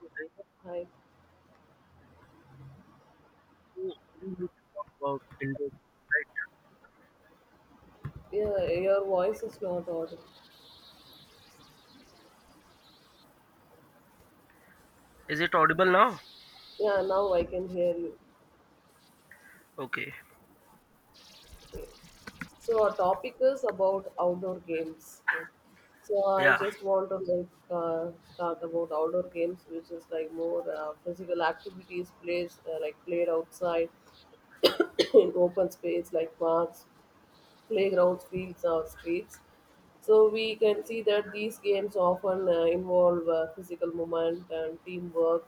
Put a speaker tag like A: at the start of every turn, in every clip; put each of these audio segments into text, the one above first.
A: Right?
B: Hi.
A: So we need to talk about indoor games, right?
B: Yeah, your voice is not audible.
A: Is it audible now?
B: Yeah, now I can hear you.
A: Okay.
B: Okay. So our topic is about outdoor games. Okay. So I
A: Yeah.
B: just want to start about outdoor games, which is like more physical activities plays like played outside in open space like parks, playgrounds, fields, or streets. So we can see that these games often involve physical movement and teamwork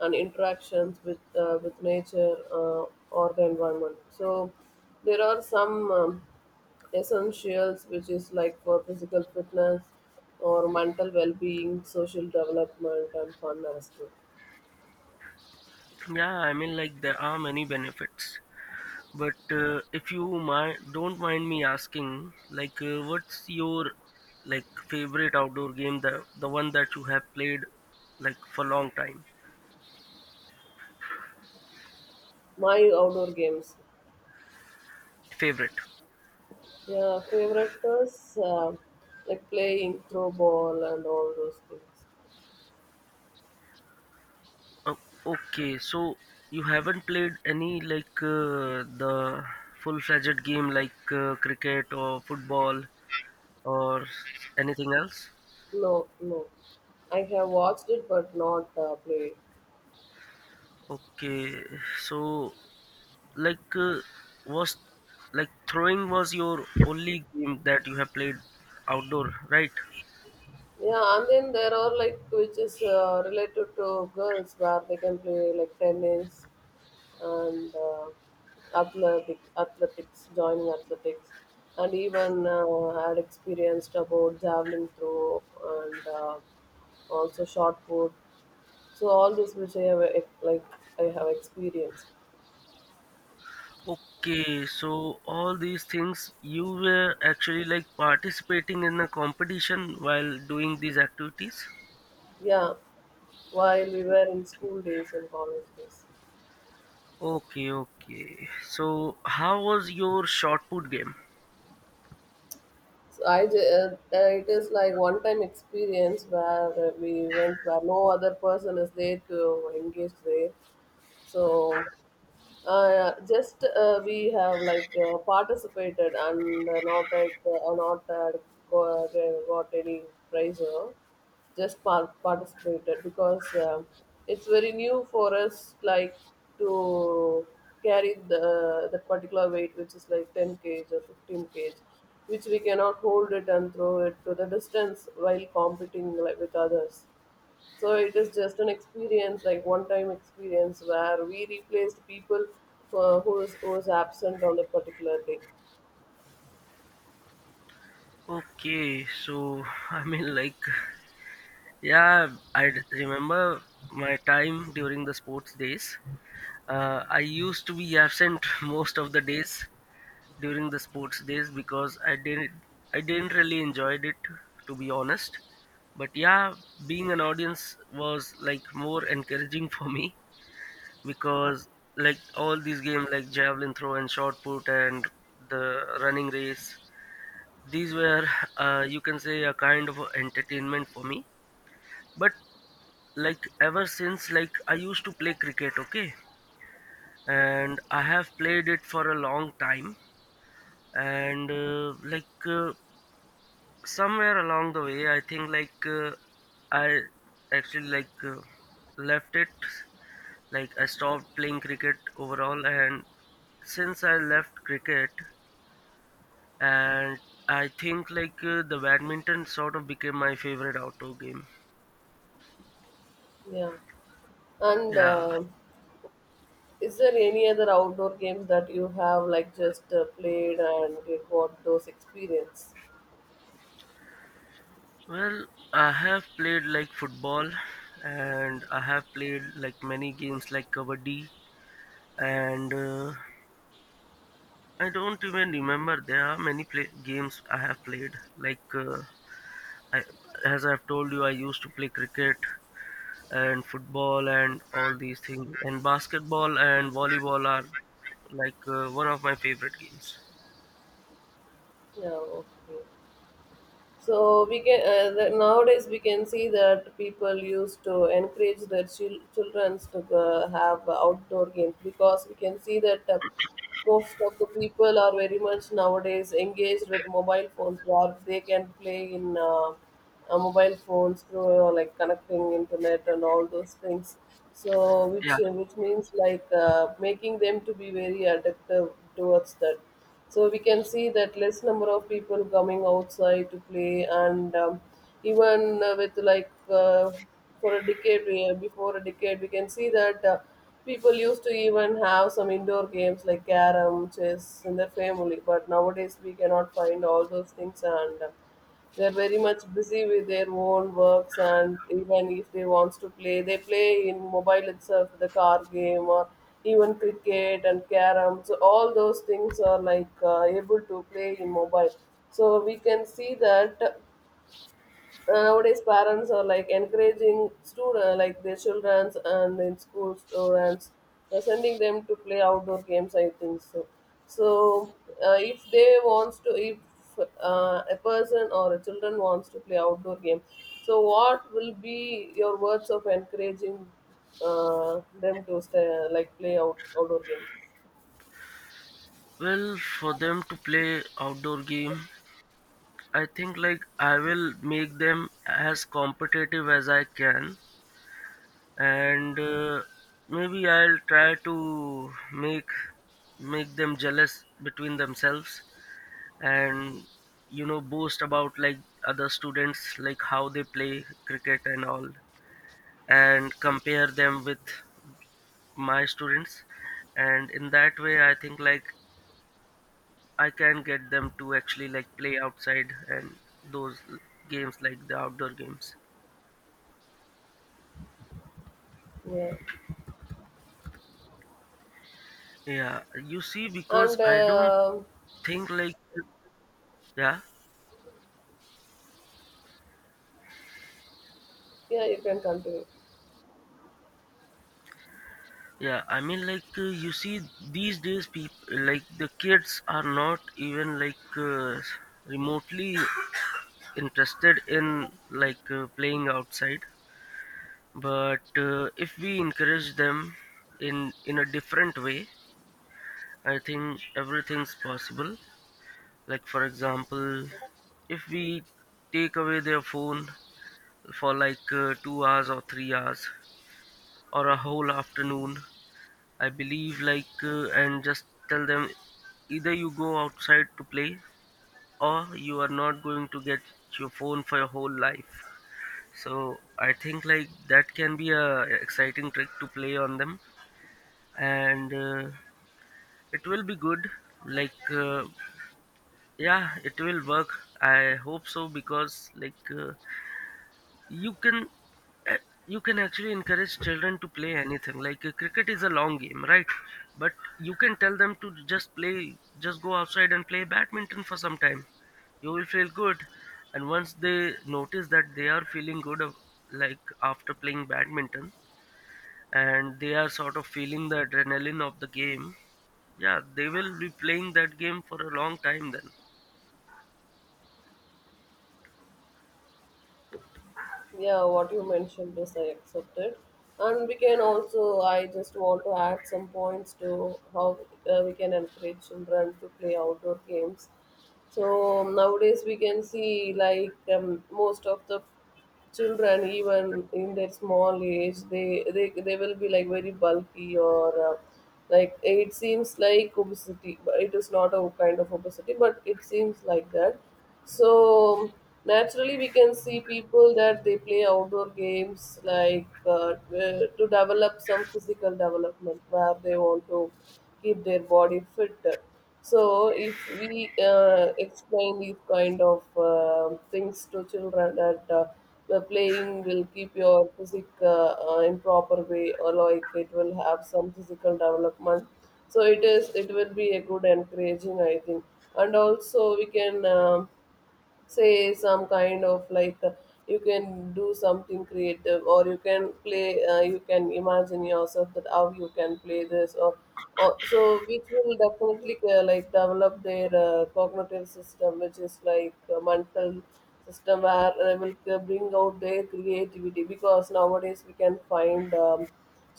B: and interactions with nature or the environment. So there are some essentials which is like for physical fitness or mental well-being, social development, and fun as well.
A: Yeah, I mean, like there are many benefits, but if you mind, don't mind me asking, like, what's your like favorite outdoor game? The one that you have played like for long time.
B: My outdoor games,
A: Favorite.
B: yeah, favorite is like playing throw ball and all those things.
A: Oh, okay. So you haven't played any like the full-fledged game like cricket or football or anything else?
B: No, no. I have watched it but not played.
A: Okay, so like was like throwing was your only game that you have played outdoor, right?
B: Yeah, and then there are like which is related to girls where they can play like tennis and athletics, joining athletics, and even had experienced about javelin throw and also shot put. So all this which I have like I have experienced.
A: Okay, so all these things you were actually like participating in a competition while doing these activities.
B: Yeah, while we were in school days and college days.
A: Okay, okay. So how was your shot put game?
B: So it is like one time experience where we went where no other person is there to engage there. So just we have participated and not had got any prize or just participated because it's very new for us like to carry the that particular weight which is like 10 kg or 15 kg, which we cannot hold it and throw it to the distance while competing like with others. So it is just an experience, like one-time experience, where we replaced people who was absent on a particular day.
A: Okay, so I mean like yeah, remember my time during the sports days. I used to be absent most of the days during the sports days because I didn't really enjoyed it to be honest. But yeah, being an audience was like more encouraging for me because like all these games like javelin throw and shot put and the running race, these were you can say a kind of entertainment for me. But like ever since like I used to play cricket, okay? And I have played it for a long time. And somewhere along the way, I think like I actually like left it. Like I stopped playing cricket overall, and since I left cricket, and I think like the badminton sort of became my favorite outdoor game.
B: Yeah, and
A: Yeah.
B: is there any other outdoor games that you have like just played and you got those experience?
A: Well, I have played like football and I have played like many games like kabaddi and I don't even remember. There are many games I have played. Like I, as I've told you, I used to play cricket and football and all these things. And basketball and volleyball are like one of my favorite games.
B: Yeah, okay. So we can the, nowadays we can see that people used to encourage their chil- children to have outdoor games because we can see that most of the people are very much nowadays engaged with mobile phones or they can play in mobile phones through like connecting internet and all those things. So
A: Yeah.
B: which means like making them to be very addictive towards that. So we can see that less number of people coming outside to play, and even with like for a decade we- before a decade, we can see that people used to even have some indoor games like carom, chess in their family. But nowadays we cannot find all those things and. They're very much busy with their own works, and even if they wants to play, they play in mobile itself, the car game or even cricket and carom. So all those things are like able to play in mobile. So we can see that nowadays, parents are like encouraging students, like their childrens and in school students, sending them to play outdoor games. I think so. So, if they wants to, if a person or a children wants to play outdoor game, so what will be your words of encouraging them to stay, like play out, outdoor game?
A: Well, for them to play outdoor game, I think like I will make them as competitive as I can, and maybe I'll try to make them jealous between themselves, and you know, boast about like other students like how they play cricket and all, and compare them with my students, and in that way I think like I can get them to actually like play outside and those games like the outdoor games,
B: Yeah,
A: yeah. You see, because
B: and
A: I don't think like, yeah.
B: yeah, you can continue.
A: Yeah, I mean, like you see, these days, people like the kids are not even like remotely interested in like playing outside. But if we encourage them in a different way, I think everything's possible. Like for example, if we take away their phone for like 2 hours or 3 hours or a whole afternoon, I believe like and just tell them either you go outside to play or you are not going to get your phone for your whole life. So I think like that can be a exciting trick to play on them, and it will be good, like yeah, it will work, I hope so. Because like you can eh, you can actually encourage children to play anything, like cricket is a long game, right? But you can tell them to just play, just go outside and play badminton for some time, you will feel good. And once they notice that they are feeling good, like after playing badminton, and they are sort of feeling the adrenaline of the game, yeah, they will be playing that game for a long time then.
B: Yeah, what you mentioned is I accepted. And we can also, I just want to add some points to how we can encourage children to play outdoor games. So nowadays we can see like most of the children, even in their small age, they will be like very bulky or like it seems like obesity, but it is not a kind of obesity but it seems like that. So naturally we can see people that they play outdoor games to develop some physical development where they want to keep their body fit. So, if we explain these kind of things to children that the playing will keep your physique in proper way, or like it will have some physical development. So it is. It will be a good encouraging, I think, and also we can. Say some kind of you can do something creative or you can play you can imagine yourself that how you can play this or so, which will definitely like develop their cognitive system, which is like a mental system where they will bring out their creativity, because nowadays we can find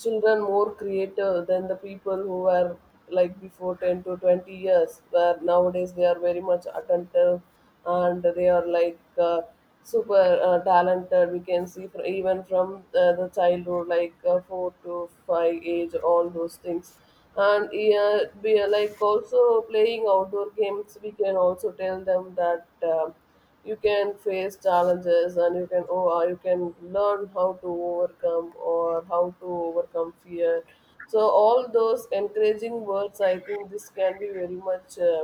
B: children more creative than the people who were like before 10 to 20 years, where nowadays they are very much attentive, and they are super talented. We can see fr even from the childhood 4 to 5 age, all those things. And yeah, we are like also playing outdoor games. We can also tell them that um you can face challenges and you can you can learn how to overcome or how to overcome fear. So all those encouraging words, I think this can be very much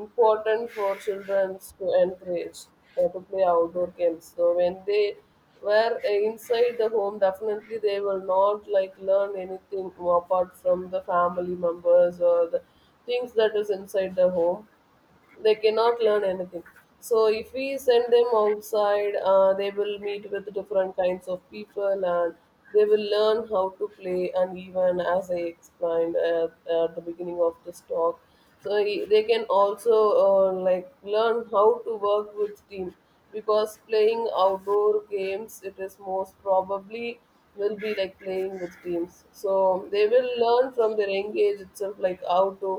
B: important for children to encourage to play outdoor games. So when they were inside the home, definitely they will not like learn anything apart from the family members or the things that is inside the home, they cannot learn anything. So if we send them outside, they will meet with different kinds of people, and they will learn how to play, and even as I explained at the beginning of this talk, so they can also like learn how to work with team, because playing outdoor games, it is most probably will be like playing with teams. So they will learn from their engage itself, like how to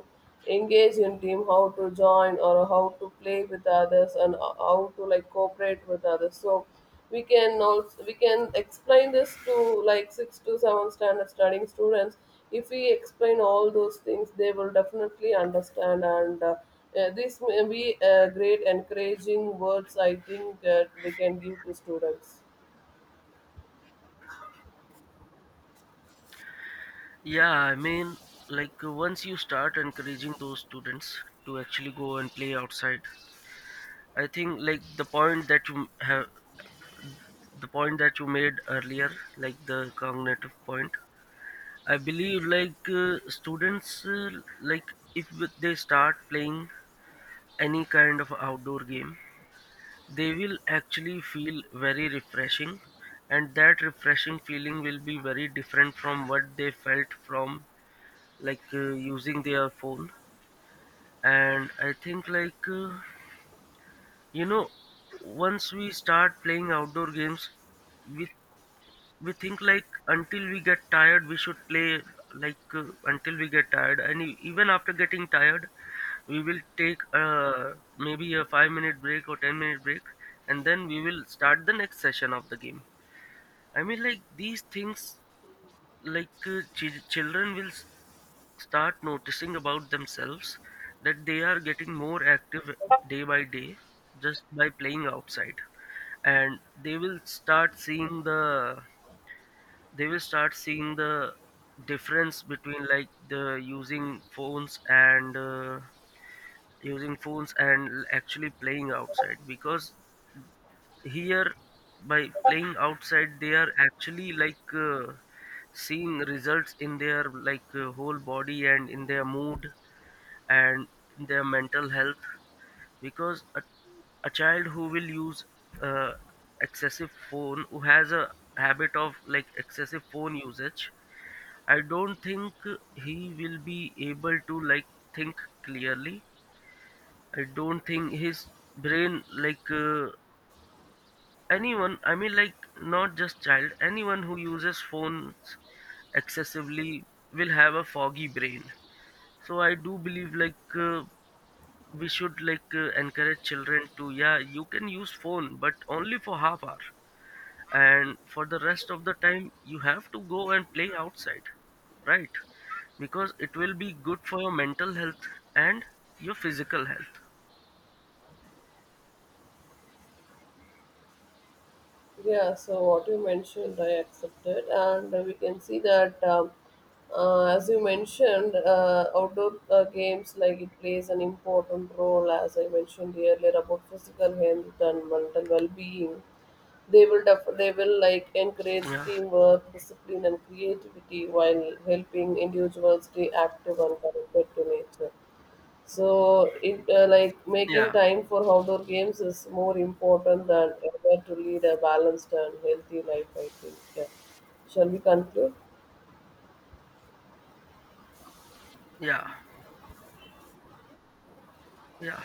B: engage in team, how to join or how to play with others, and how to like cooperate with others. So we can also, we can explain this to like six to seven standard studying students. If we explain all those things, they will definitely understand. And this may be a great encouraging words, I think, that we can give to students.
A: Yeah, I mean, like once you start encouraging those students to actually go and play outside, I think like the point that you have, the point that you made earlier, like the cognitive point, I believe like students, like if they start playing any kind of outdoor game, they will actually feel very refreshing, and that refreshing feeling will be very different from what they felt from like using their phone. And I think like you know, once we start playing outdoor games, we we think like until we get tired we should play, like until we get tired, and even after getting tired we will take maybe a 5-minute break or 10-minute break, and then we will start the next session of the game. I mean, like these things, like children will start noticing about themselves that they are getting more active day by day, just by playing outside. And they will start seeing the, they will start seeing the difference between like the using phones and actually playing outside. Because here by playing outside they are actually like seeing results in their like whole body, and in their mood, and in their mental health. Because a child who will use uh, excessive phone, who has a habit of like excessive phone usage, I don't think he will be able to like think clearly. I don't think his brain like anyone, I mean like not just child, anyone who uses phones excessively will have a foggy brain. So I do believe like we should like encourage children to, yeah, you can use phone but only for half hour, and for the rest of the time you have to go and play outside, right? Because it will be good for your mental health and your physical health.
B: Yeah, so what you mentioned, I accepted, and we can see that, as you mentioned, outdoor games like it plays an important role, as I mentioned earlier, about physical health and mental well-being. They will they will like encourage
A: Yeah.
B: teamwork, discipline, and creativity, while helping individuals stay active and connected to nature. So it like making
A: Yeah.
B: time for outdoor games is more important than ever to lead a balanced and healthy life. I think. Yeah. Shall we conclude?
A: Yeah. Yeah.